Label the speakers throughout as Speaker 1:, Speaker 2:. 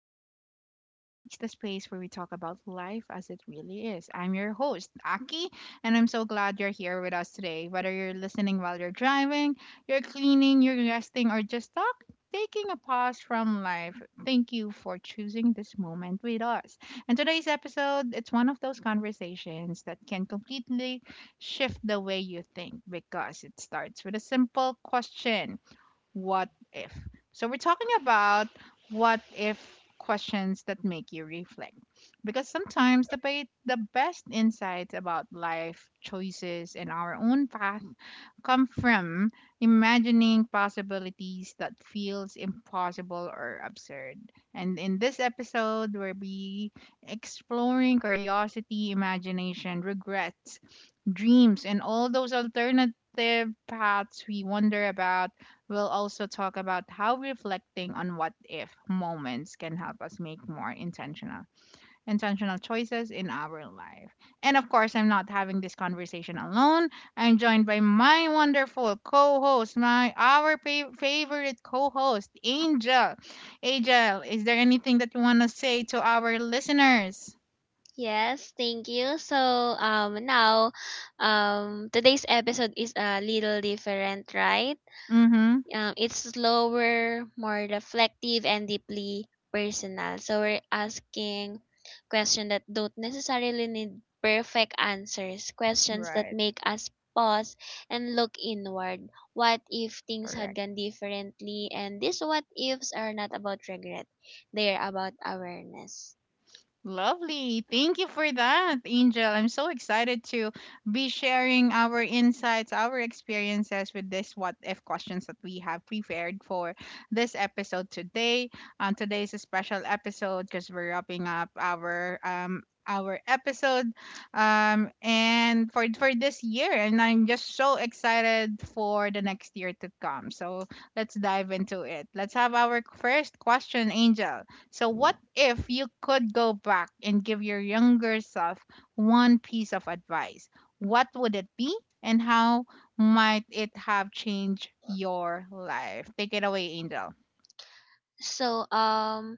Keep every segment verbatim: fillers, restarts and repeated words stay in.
Speaker 1: Aki Speaks, the space where we talk about life as it really is. I'm your host, Aki, and I'm so glad you're here with us today. Whether you're listening while you're driving, you're cleaning, you're resting, or just talk, taking a pause from life, thank you for choosing this moment with us. And today's episode, it's one of those conversations that can completely shift the way you think, because it starts with a simple question: what if. So we're talking about what if questions that make you reflect, because sometimes the be- the best insights about life choices and our own path come from imagining possibilities that feels impossible or absurd, and in this episode we'll be exploring curiosity, imagination, regret, dreams, and all those alternative paths we wonder about. We'll also talk about how reflecting on what if moments can help us make more intentional intentional choices in our life. And of course, I'm not having this conversation alone. I'm joined by my wonderful co-host, my our fa- favorite co-host, Angel. Angel, is there anything that you want to say to our listeners?
Speaker 2: Yes, thank you. So um now um today's episode is a little different, right?
Speaker 1: Mhm.
Speaker 2: Um it's slower, more reflective and deeply personal. So we're asking questions that don't necessarily need perfect answers, questions that
Speaker 1: Right.
Speaker 2: make us pause and look inward. What if things had
Speaker 1: Correct.
Speaker 2: gone differently? And these what ifs are not about regret. They are about awareness.
Speaker 1: Lovely. Thank you for that, Angel. I'm so excited to be sharing our insights, our experiences with this what if questions that we have prepared for this episode today. Um, today is a special episode because we're wrapping up our um our episode um and for for this year, and I'm just so excited for the next year to come. So let's dive into it. Let's have our first question, Angel. So, what if you could go back and give your younger self one piece of advice? What would it be, and how might it have changed your life? Take it away, Angel.
Speaker 2: So um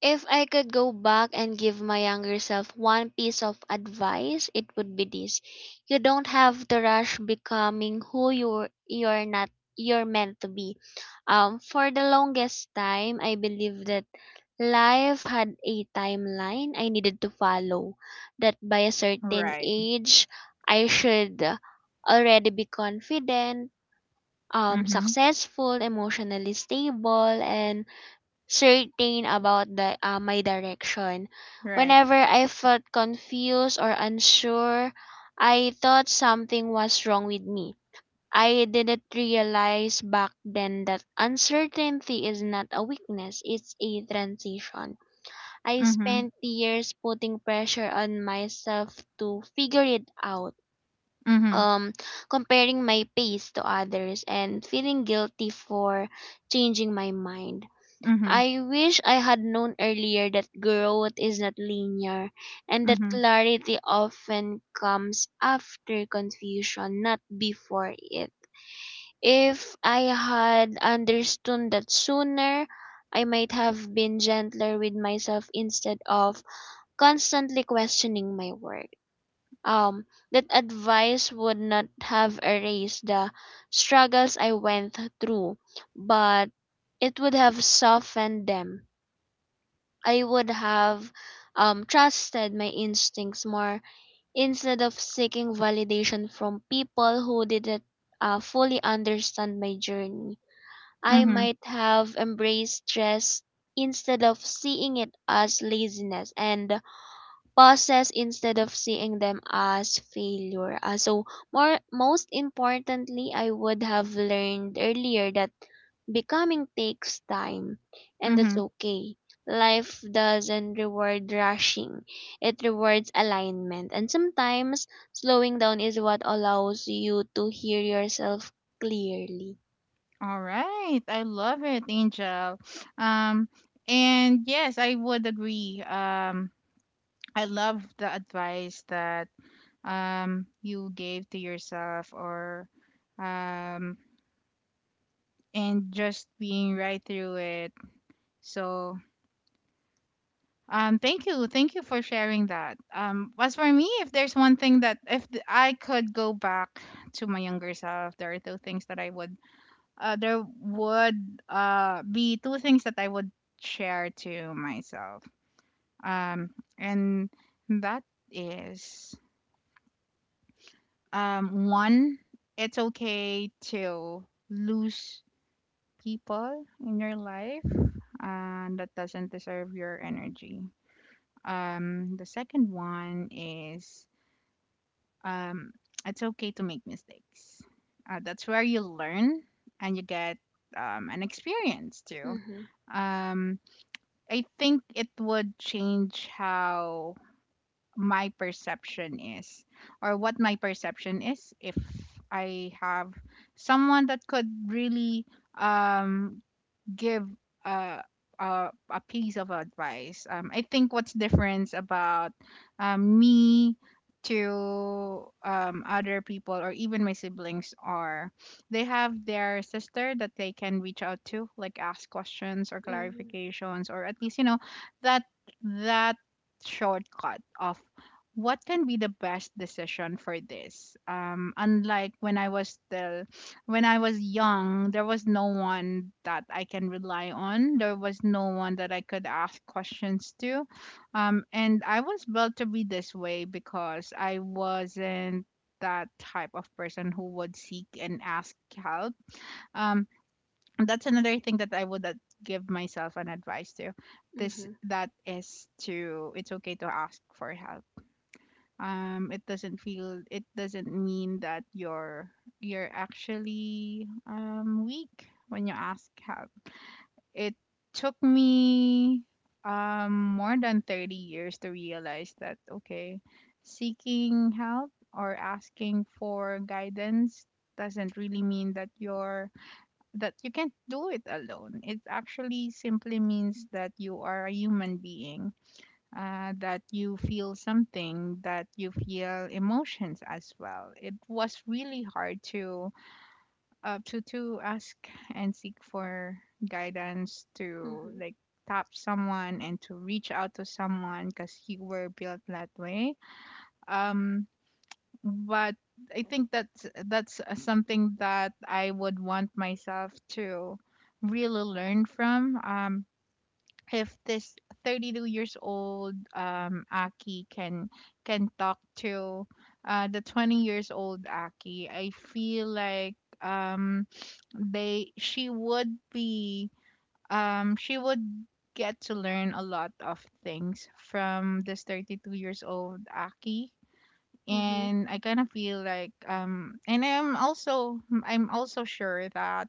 Speaker 2: If I could go back and give my younger self one piece of advice, it would be this. You don't have to rush becoming who you're you're not you're meant to be. Um for the longest time I believed that life had a timeline I needed to follow. That by a certain
Speaker 1: Right.
Speaker 2: age I should already be confident, um
Speaker 1: Mm-hmm.
Speaker 2: successful, emotionally stable and certain about the uh, my direction.
Speaker 1: Right.
Speaker 2: Whenever I felt confused or unsure, I thought something was wrong with me. I didn't realize back then that uncertainty is not a weakness, it's a transition. I
Speaker 1: Mm-hmm.
Speaker 2: spent years putting pressure on myself to figure it out.
Speaker 1: Mm-hmm.
Speaker 2: Um, comparing my pace to others and feeling guilty for changing my mind.
Speaker 1: Mm-hmm.
Speaker 2: I wish I had known earlier that growth is not linear and that
Speaker 1: Mm-hmm.
Speaker 2: clarity often comes after confusion, not before it. If I had understood that sooner, I might have been gentler with myself instead of constantly questioning my work. Um, that advice would not have erased the struggles I went through, but it would have softened them. I would have um, trusted my instincts more instead of seeking validation from people who didn't uh, fully understand my journey. I
Speaker 1: Mm-hmm.
Speaker 2: might have embraced stress instead of seeing it as laziness and process instead of seeing them as failure. Uh, so more most importantly, I would have learned earlier that becoming takes time and that's
Speaker 1: Mm-hmm.
Speaker 2: okay. Life doesn't reward rushing. It rewards alignment. And sometimes slowing down is what allows you to hear yourself clearly.
Speaker 1: All right. I love it, Angel. Um, and yes, I would agree. Um, I love the advice that um you gave to yourself, or um and just being right through it. So um thank you thank you for sharing that. Um as for me, if there's one thing, that if th- I could go back to my younger self, there are two things that I would uh there would uh be two things that I would share to myself. Um and That is, um one, it's okay to lose people in your life, uh, that doesn't deserve your energy. Um, the second one is, um, it's okay to make mistakes. Uh, that's where you learn and you get, um, an experience too.
Speaker 2: Mhm.
Speaker 1: Um, I think it would change how my perception is, or what my perception is, if I have someone that could really um give a a, a piece of advice. Um, I think what's different about um, me to um, other people, or even my siblings, are they have their sister that they can reach out to, like ask questions or
Speaker 2: Mhm.
Speaker 1: clarifications, or at least you know that that shortcut of what can be the best decision for this, um unlike when i was still when I was young, there was no one that I can rely on. There was no one that I could ask questions to. Um, and I was built to be this way because I wasn't that type of person who would seek and ask help. Um, and that's another thing that I would, uh, give myself an advice to. This
Speaker 2: Mhm.
Speaker 1: that is, to, it's okay to ask for help. Um it doesn't feel it doesn't mean that you're you're actually um weak when you ask help. It took me um more than thirty years to realize that, okay, seeking help or asking for guidance doesn't really mean that you're, that you can't do it alone. It actually simply means that you are a human being, uh, that you feel something, that you feel emotions as well. It was really hard to, uh, to to ask and seek for guidance, to
Speaker 2: Mhm.
Speaker 1: like tap someone and to reach out to someone, because you were built that way. Um, but I think that's that's uh, something that I would want myself to really learn from. Um, if this thirty-two years old um Aki can can talk to uh the twenty years old Aki, I feel like um they she would be um she would get to learn a lot of things from this thirty-two years old Aki.
Speaker 2: Mhm.
Speaker 1: And I kind of feel like, um and I'm also, I'm also sure that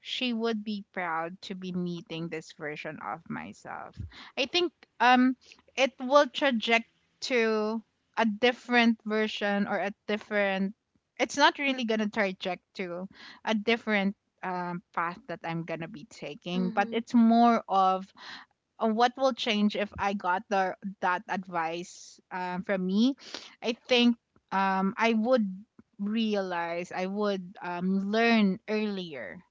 Speaker 1: she would be proud to be meeting this version of myself. I think um it will traject to a different version, or a different, it's not really gonna traject to a different, um, path that I'm gonna be taking, but
Speaker 2: Mhm.
Speaker 1: it's more of, uh, what will change if I got the that advice, um, from me. I think, um, I would realize, I would, um, learn earlier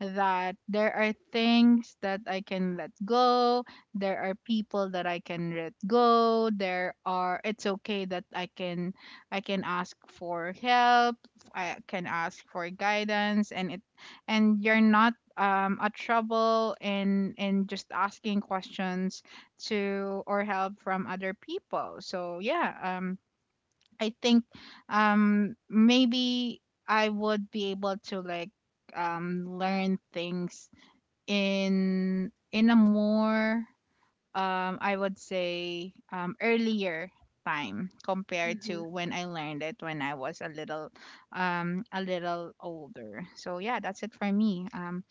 Speaker 1: that there are things that I can let go, there are people that I can let go, there are, it's okay that I can I can ask for help, I can ask for guidance, and it and you're not, um, a trouble in in just asking questions to, or help from other people. So yeah, um, I think, um, maybe I would be able to like, um, learn things in in a more, um, I would say um, earlier time compared to
Speaker 2: Mhm.
Speaker 1: when I learned it when I was a little, um, a little older. So yeah, that's it for me. Um,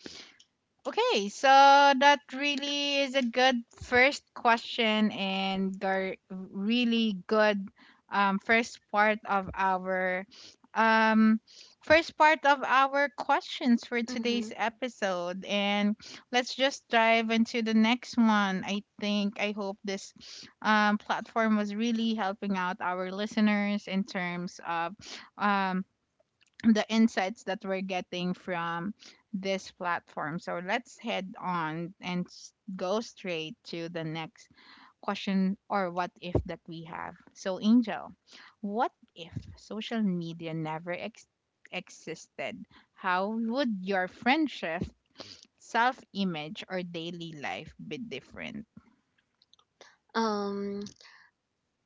Speaker 1: Okay, so that really is a good first question, and gar- really good um, first part of our um, first part of our questions for today's
Speaker 2: Mhm.
Speaker 1: episode. And let's just dive into the next one. I think, I hope this, um, platform was really helping out our listeners in terms of, um, the insights that we're getting from this platform. So let's head on and s- go straight to the next question, or what if, that we have. So, Angel, what if social media never ex- existed? How would your friendship, self image, or daily life be different?
Speaker 2: Um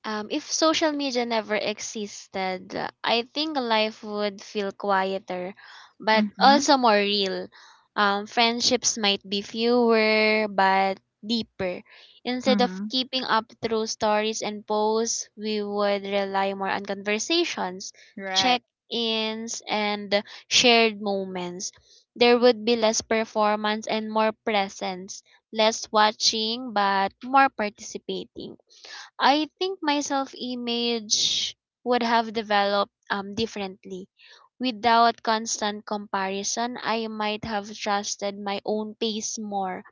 Speaker 2: Um, if social media never existed, uh, I think life would feel quieter, but
Speaker 1: Mm-hmm.
Speaker 2: also more real. Um, friendships might be fewer, but deeper. Instead of
Speaker 1: Mm-hmm.
Speaker 2: keeping up through stories and posts, we would rely more on conversations,
Speaker 1: Right.
Speaker 2: check ins, and shared moments. There would be less performance and more presence, less watching, but more participating. I think my self image would have developed um, differently. Without constant comparison, I might have trusted my own pace more.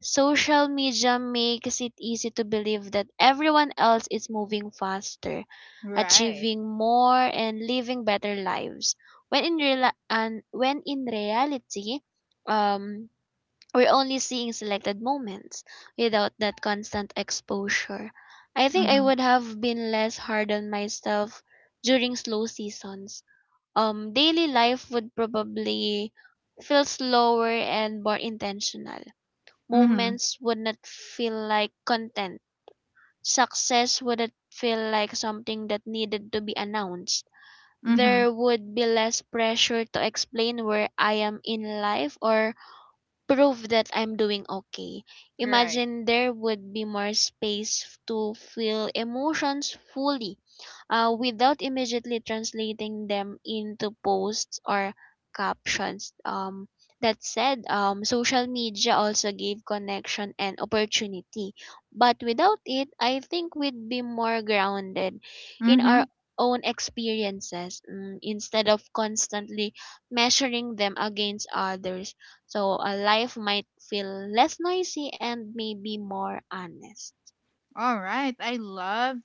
Speaker 2: Social media makes it easy to believe that everyone else is moving faster,
Speaker 1: Right.
Speaker 2: achieving more, and living better lives. When in real and when in reality, um, we're only seeing selected moments. Without that constant exposure, I think I
Speaker 1: Mm-hmm.
Speaker 2: would have been less hard on myself during slow seasons. Um, daily life would probably feel slower and more intentional.
Speaker 1: Mm-hmm.
Speaker 2: Moments would not feel like content. Success wouldn't feel like something that needed to be announced.
Speaker 1: Mm-hmm.
Speaker 2: There would be less pressure to explain where I am in life or prove that I'm doing okay.
Speaker 1: Right.
Speaker 2: Imagine there would be more space to feel emotions fully uh, without immediately translating them into posts or captions. Um, that said, um, social media also gave connection and opportunity. But without it, I think we'd be more grounded in our
Speaker 1: Mm-hmm.
Speaker 2: own experiences mm, instead of constantly measuring them against others. So a life might feel less noisy and maybe more honest.
Speaker 1: All right. I love,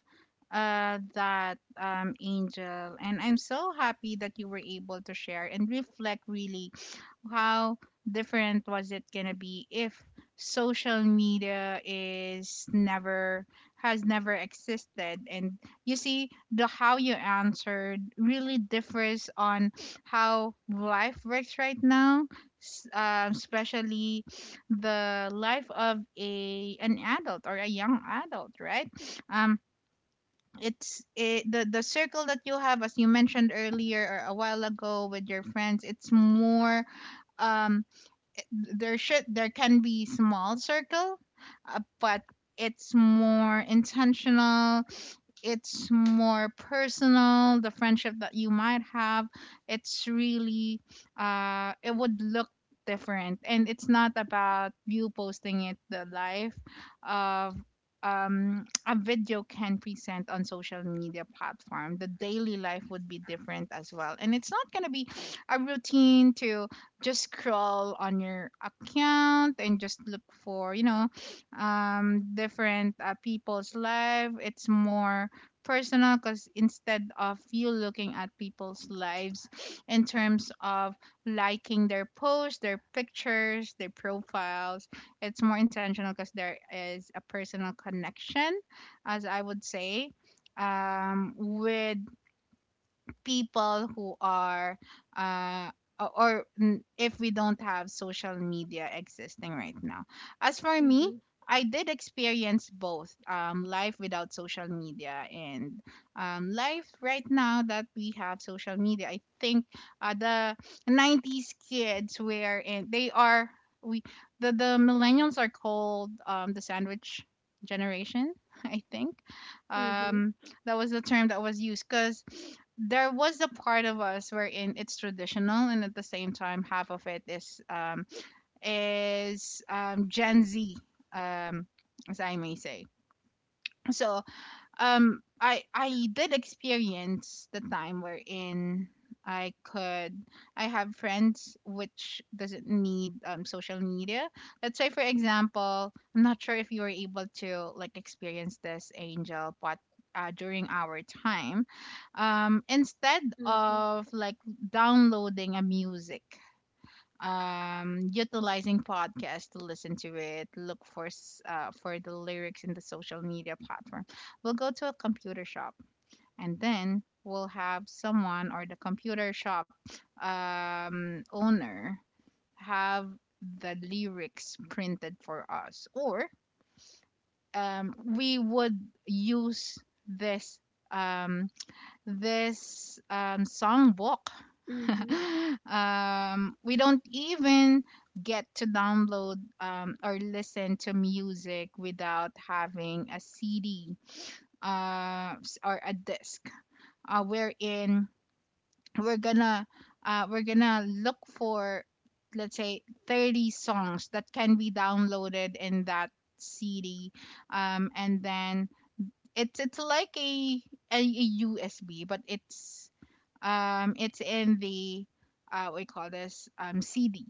Speaker 1: uh, that, um, Angel. And I'm so happy that you were able to share and reflect really how different was it gonna be if social media is never has never existed, and you see the how you answered really differs on how life works right now. S- um, especially the life of a an adult, or a young adult, right? um it's it, the the circle that you have, as you mentioned earlier or a while ago, with your friends, it's more, um there should there can be small circle, uh, but it's more intentional, it's more personal, the friendship that you might have, it's really, uh it would look different. And it's not about you posting it, the life of, um a video can present on social media platform. The daily life would be different as well, and it's not going to be a routine to just scroll on your account and just look for, you know, um different, uh, people's life. It's more personal because instead of you looking at people's lives in terms of liking their posts, their pictures, their profiles, it's more intentional because there is a personal connection, as I would say, um, with people who are, uh o- or mm, if we don't have social media existing right now. As for me,
Speaker 2: Mhm.
Speaker 1: I did experience both, um, life without social media, and um, life right now that we have social media. I think, uh, the nineties kids were, and they are, we the, the millennials are called, um, the sandwich generation, I think.
Speaker 2: Mhm.
Speaker 1: Um, that was the term that was used because there was a part of us wherein it's traditional, and at the same time half of it is um is um Gen Z, um as I may say. So, um, I I did experience the time wherein I could I have friends which doesn't need um social media. Let's say for example, I'm not sure if you were able to like experience this, Angel, but, uh, during our time, um, instead
Speaker 2: Mhm.
Speaker 1: of like downloading a music, um utilizing podcasts to listen to it, look for s- uh, for the lyrics in the social media platform, we'll go to a computer shop, and then we'll have someone or the computer shop, um, owner have the lyrics printed for us, or um, we would use this um, this, um, songbook.
Speaker 2: Mhm.
Speaker 1: Um, we don't even get to download, um, or listen to music without having a C D, uh, s- or a disc, uh, wherein we're gonna, uh, we're gonna look for, let's say, thirty songs that can be downloaded in that C D, um, and then it's it's like a a, U S B, but it's, um it's in the, uh what do you call this, um C D.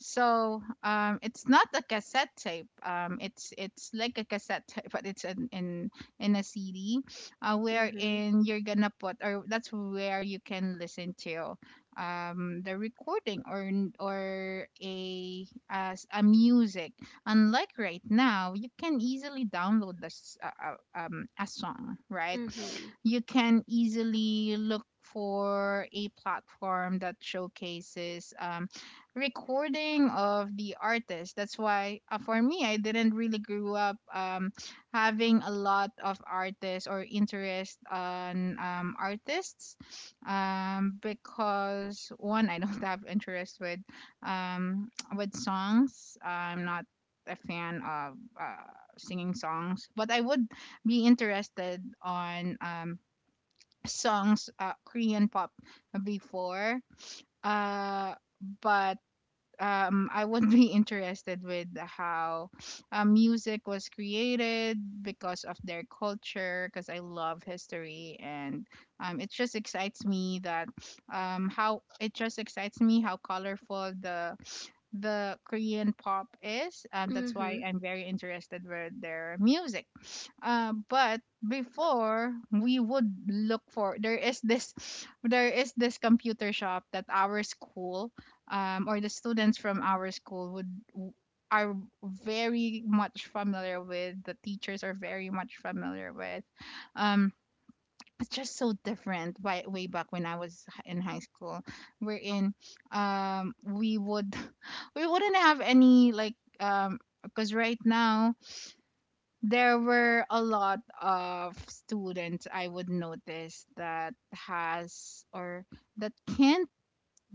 Speaker 1: So, um it's not a cassette tape. Um it's it's like a cassette tape, but it's in in, in a C D, uh,
Speaker 2: Mhm.
Speaker 1: wherein you're gonna put or that's where you can listen to um the recording or n- or a as a music. Unlike right now, you can easily download this uh, uh, um, a song, right?
Speaker 2: Mhm.
Speaker 1: You can easily look for a platform that showcases um, recording of the artist. That's why uh, for me, I didn't really grew up um, having a lot of artists or interest on um, artists, um, because one, I don't have interest with um, with songs. I'm not a fan of uh, singing songs, but I would be interested on um, songs, uh, Korean pop before. Uh, but um, I would be interested with how uh, music was created because of their culture, because I love history, and um, it just excites me that um, how it just excites me how colorful the the Korean pop is. Um, that's why
Speaker 2: Mhm.
Speaker 1: I'm very interested with their music. Uh, but before we would look for, there is this there is this computer shop that our school, um, or the students from our school would w- are very much familiar with, the teachers are very much familiar with. um, it's just so different by way back when I was h- in high school. We're in um we would we wouldn't have any, like, um because right now there were a lot of students, I would notice, that has or that can't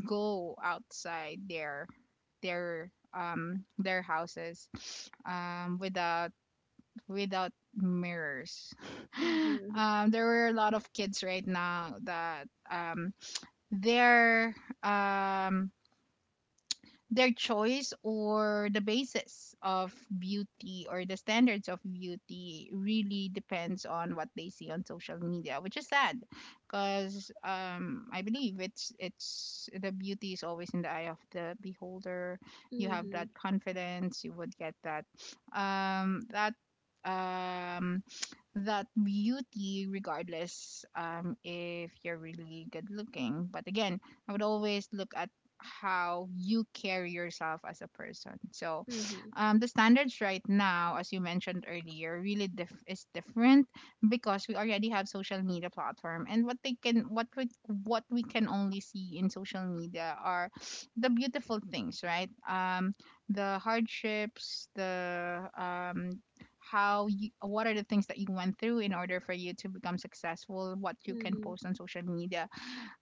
Speaker 1: go outside their their um their houses um without without mirrors.
Speaker 2: Mhm.
Speaker 1: Um, there were a lot of kids right now that, um, their um, their choice, or the basis of beauty, or the standards of beauty really depends on what they see on social media, which is sad because, um, I believe it's it's the beauty is always in the eye of the beholder. You have that
Speaker 2: Mhm.
Speaker 1: confidence, you would get that, um, that um that beauty regardless, um, if you're really good looking, but again, I would always look at how you carry yourself as a person. So
Speaker 2: Mhm.
Speaker 1: um, the standards right now, as you mentioned earlier, really dif- is different, because we already have social media platform and what they can what we, what we can only see in social media are the beautiful things, right? Um, the hardships, the, um, how you, what are the things that you went through in order for you to become successful, what you can
Speaker 2: Mhm.
Speaker 1: post on social media,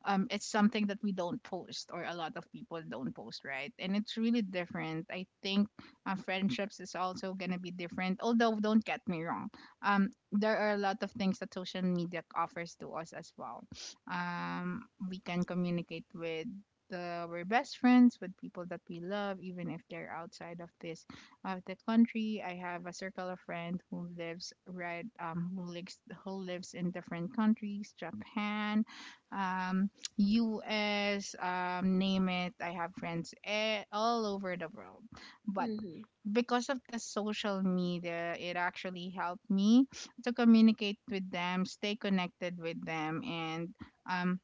Speaker 1: um, it's something that we don't post, or a lot of people don't post, right? And it's really different. I think uh, friendships is also gonna be different. Although don't get me wrong, um, there are a lot of things that social media offers to us as well. Um, we can communicate with the, our best friends, with people that we love, even if they're outside of this, of the country. I have a circle of friends who lives, right um who lives who lives in different countries. Japan, um, U S, um, name it. I have friends, eh, all over the world. But
Speaker 2: Mhm.
Speaker 1: because of the social media, it actually helped me to communicate with them, stay connected with them, and, um,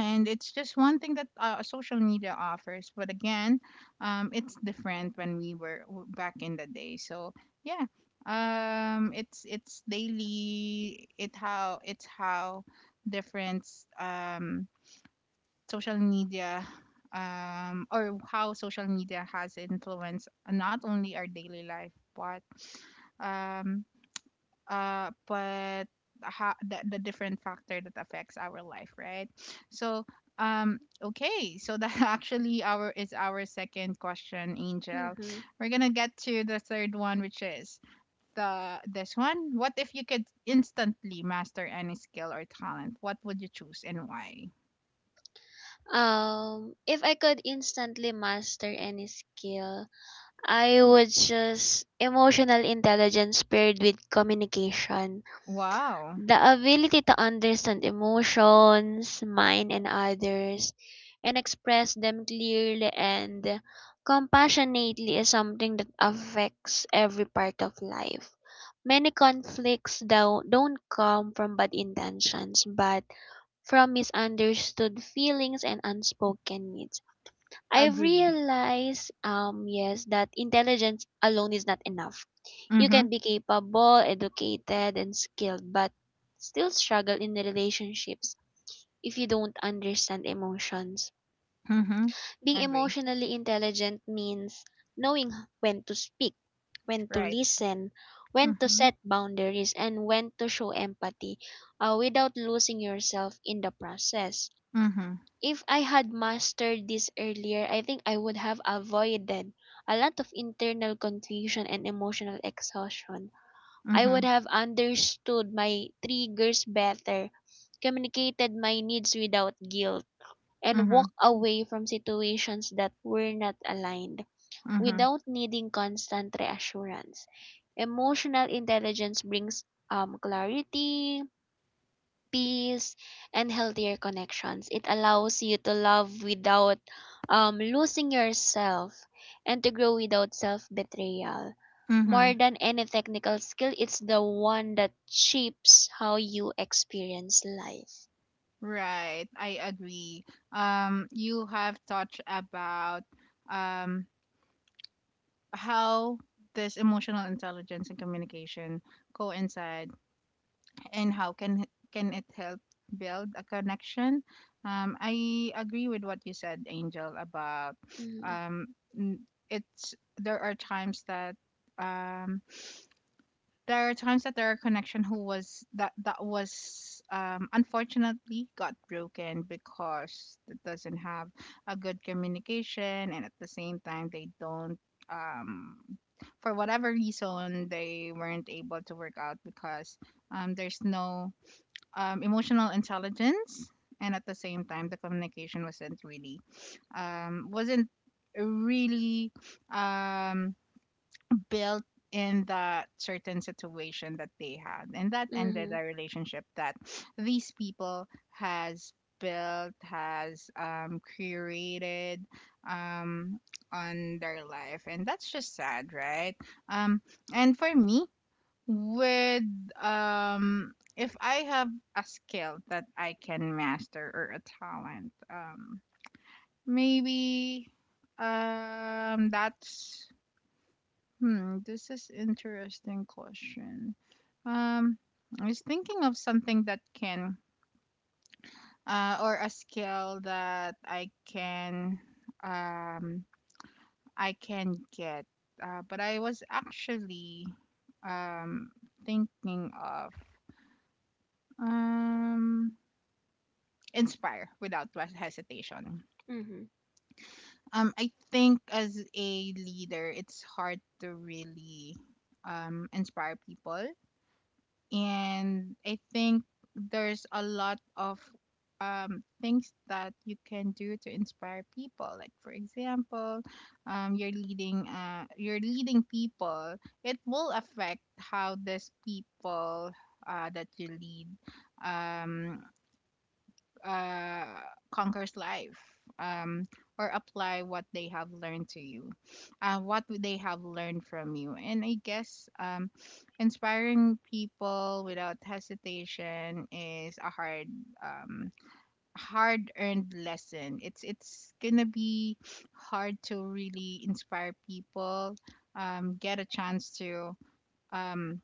Speaker 1: and it's just one thing that uh, social media offers. But again, um, it's different when we were w- back in the day. So yeah, um, it's it's daily. It how it's how difference um Social media, um, or how social media has influenced not only our daily life, but, um, uh, but how, the, the different factor that affects our life, right? So um okay, so that actually our is our second question, Angel.
Speaker 2: Mhm.
Speaker 1: We're gonna get to the third one, which is the this one. What if you could instantly master any skill or talent? What would you choose and why?
Speaker 2: Um, if I could instantly master any skill, I would just emotional intelligence paired with communication,
Speaker 1: Wow.
Speaker 2: the ability to understand emotions, mine and others, and express them clearly and compassionately is something that affects every part of life. Many conflicts don't, don't come from bad intentions, but from misunderstood feelings and unspoken needs. I've
Speaker 1: Agree.
Speaker 2: realized, um, yes, that intelligence alone is not enough. You
Speaker 1: Mhm.
Speaker 2: can be capable, educated, and skilled, but still struggle in relationships if you don't understand emotions.
Speaker 1: Mhm.
Speaker 2: Being
Speaker 1: Agree.
Speaker 2: emotionally intelligent means knowing when to speak, when to
Speaker 1: Right.
Speaker 2: listen, when to
Speaker 1: Mhm.
Speaker 2: set boundaries, and when to show empathy uh, without losing yourself in the process.
Speaker 1: Mhm.
Speaker 2: If I had mastered this earlier, I think I would have avoided a lot of internal confusion and emotional exhaustion. I would
Speaker 1: Mhm.
Speaker 2: have understood my triggers better, communicated my needs without guilt, and
Speaker 1: Mhm.
Speaker 2: walked away from situations that were not aligned
Speaker 1: Mhm.
Speaker 2: without needing constant reassurance. Emotional intelligence brings um, clarity, peace, and healthier connections. It allows you to love without um, losing yourself and to grow without self betrayal. More
Speaker 1: Mhm.
Speaker 2: than any technical skill, it's the one that shapes how you experience life.
Speaker 1: Right. I agree. Um, you have touched about, um how this emotional intelligence and communication coincide, and how can can it help build a connection? Um, I agree with what you said, Angel, about,
Speaker 2: Mhm,
Speaker 1: um n- it's, there are times that, um there are times that there are connection, who was that that was, um, unfortunately, got broken because it doesn't have a good communication, and at the same time they don't, um, for whatever reason, they weren't able to work out because, um, there's no um, emotional intelligence, and at the same time the communication wasn't really um, wasn't really um, built in that certain situation that they had, and that ended
Speaker 2: mhm,
Speaker 1: a relationship that these people has built, has um, created, um, on their life, and that's just sad, right? um, and for me, with, um, if I have a skill that I can master or a talent, um, maybe, um that's hmm, this is interesting question. Um, I was thinking of something that can, uh, or a skill that I can, um, I can get. Uh, but I was actually, um, thinking of, um, inspire without was- hesitation.
Speaker 2: mhm,
Speaker 1: Um, I think as a leader, it's hard to really, um, inspire people, and I think there's a lot of, um, things that you can do to inspire people. Like for example, um, you're leading, uh, you're leading people. It will affect how these people, uh, that you lead, um, uh, conquers life, um, or apply what they have learned to you, uh, what would they have learned from you. And I guess, um, inspiring people without hesitation is a hard, um, hard earned lesson. It's it's gonna be hard to really inspire people, um, get a chance to, um,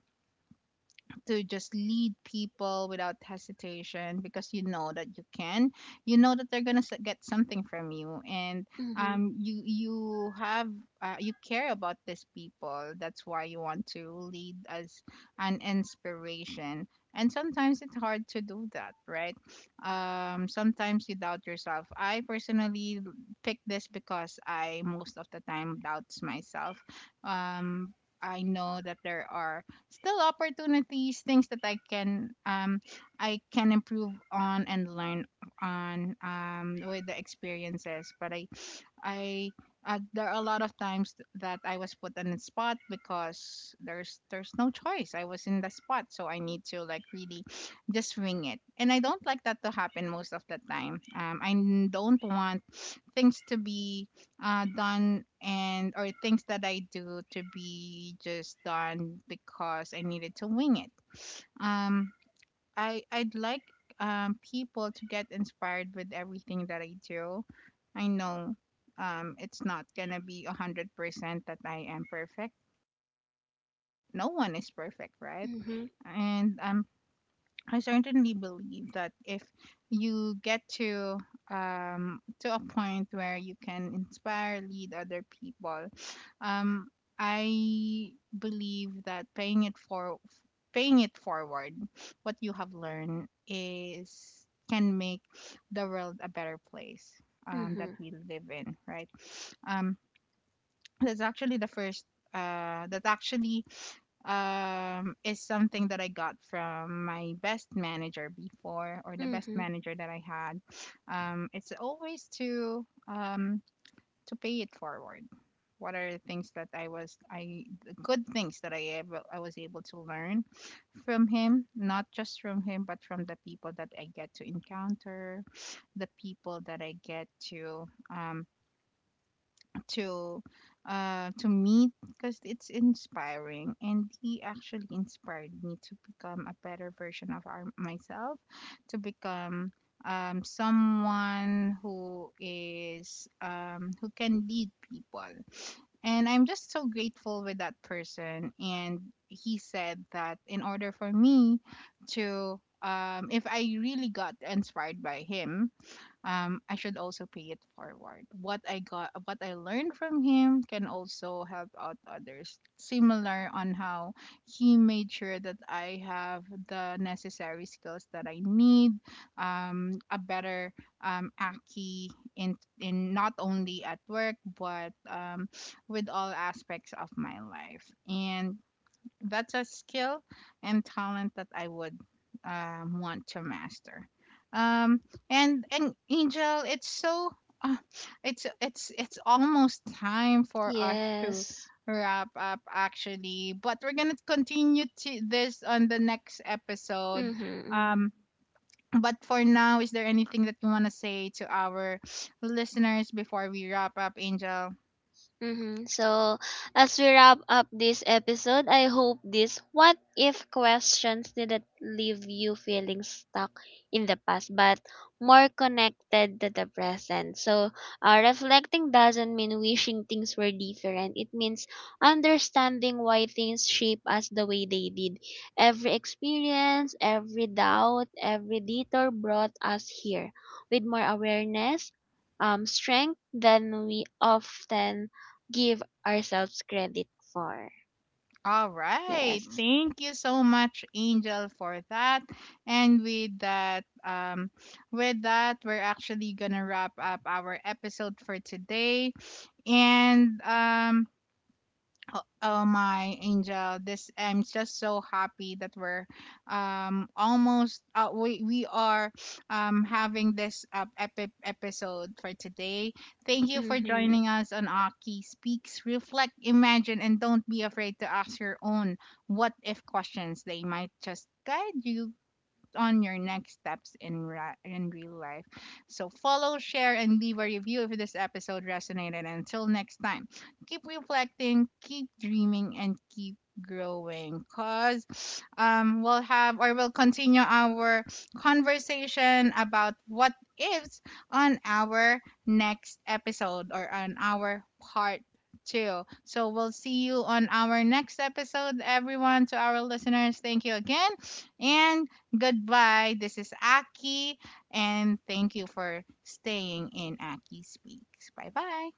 Speaker 1: to just lead people without hesitation, because you know that you can, you know that they're gonna s- get something from you, and
Speaker 2: mhm,
Speaker 1: um you you have, uh, you care about these people. That's why you want to lead as an inspiration, and sometimes it's hard to do that, right? Um sometimes you doubt yourself. I personally pick this because I most of the time doubts myself. um I know that there are still opportunities, things that I can um I can improve on and learn on, um with the experiences. But I I uh, there are a lot of times th- that I was put on the spot, because there's there's no choice. I was in the spot, so I need to like really just wing it. And I don't like that to happen most of the time. Um, I n- don't want things to be, uh, done, and or things that I do to be just done because I needed to wing it. Um, I I'd like um people to get inspired with everything that I do. I know um it's not gonna be a hundred percent that I am perfect. No one is perfect, right?
Speaker 2: mhm,
Speaker 1: And I'm I certainly believe that if you get to, um, to a point where you can inspire, lead other people, um, I believe that paying it for paying it forward, what you have learned, is can make the world a better place, um, that
Speaker 2: mhm,
Speaker 1: we live in, right? Um, that's actually the first. Uh, that actually, um, is something that I got from my best manager before, or the best
Speaker 2: mhm.
Speaker 1: manager that I had. Um, it's always to, um, to pay it forward. What are the things that I was I the good things that I able, I was able to learn from him, not just from him, but from the people that I get to encounter, the people that I get to, um, to uh to meet, because it's inspiring, and he actually inspired me to become a better version of our, myself, to become um someone who is um who can lead people, and I'm just so grateful with that person. And he said that in order for me to, um, if I really got inspired by him, um, I should also pay it forward. What I got, what I learned from him, can also help out others. Similar on how he made sure that I have the necessary skills that I need, um, a better, um, Aki, in, in not only at work, but, um, with all aspects of my life. And that's a skill and talent that I would, um, want to master. Um, and and Angel, it's so, uh, it's it's it's almost time for us to
Speaker 2: Yes.
Speaker 1: wrap up, actually, but we're gonna continue to this on the next episode.
Speaker 2: Mhm, mhm.
Speaker 1: Um, but for now, is there anything that you wanna say to our listeners before we wrap up, Angel?
Speaker 2: Mm-hmm. So, as we wrap up this episode, I hope this what if questions didn't leave you feeling stuck in the past, but more connected to the present. So, uh, reflecting doesn't mean wishing things were different, it means understanding why things shape us the way they did. Every experience, every doubt, every detour brought us here with more awareness. Um, strength than we often give ourselves credit for.
Speaker 1: All right.
Speaker 2: Yes.
Speaker 1: Thank you so much, Angel, for that. And with that, um, with that, we're actually gonna wrap up our episode for today. And um, oh my Angel, this I'm just so happy that we're um almost uh, we we are um having this uh, epic episode for today. Thank you for
Speaker 2: Mm-hmm.
Speaker 1: joining us on Aki Speaks. Reflect, imagine, and don't be afraid to ask your own what if questions. They might just guide you on your next steps in ra- in real life. So follow, share, and leave a review if this episode resonated. Until next time, keep reflecting, keep dreaming, and keep growing. Cause um, we'll have or we'll continue our conversation about what ifs on our next episode, or on our part two. So we'll see you on our next episode, everyone. To our listeners, thank you again, and goodbye. This is Aki, and thank you for staying in Aki Speaks. Bye bye.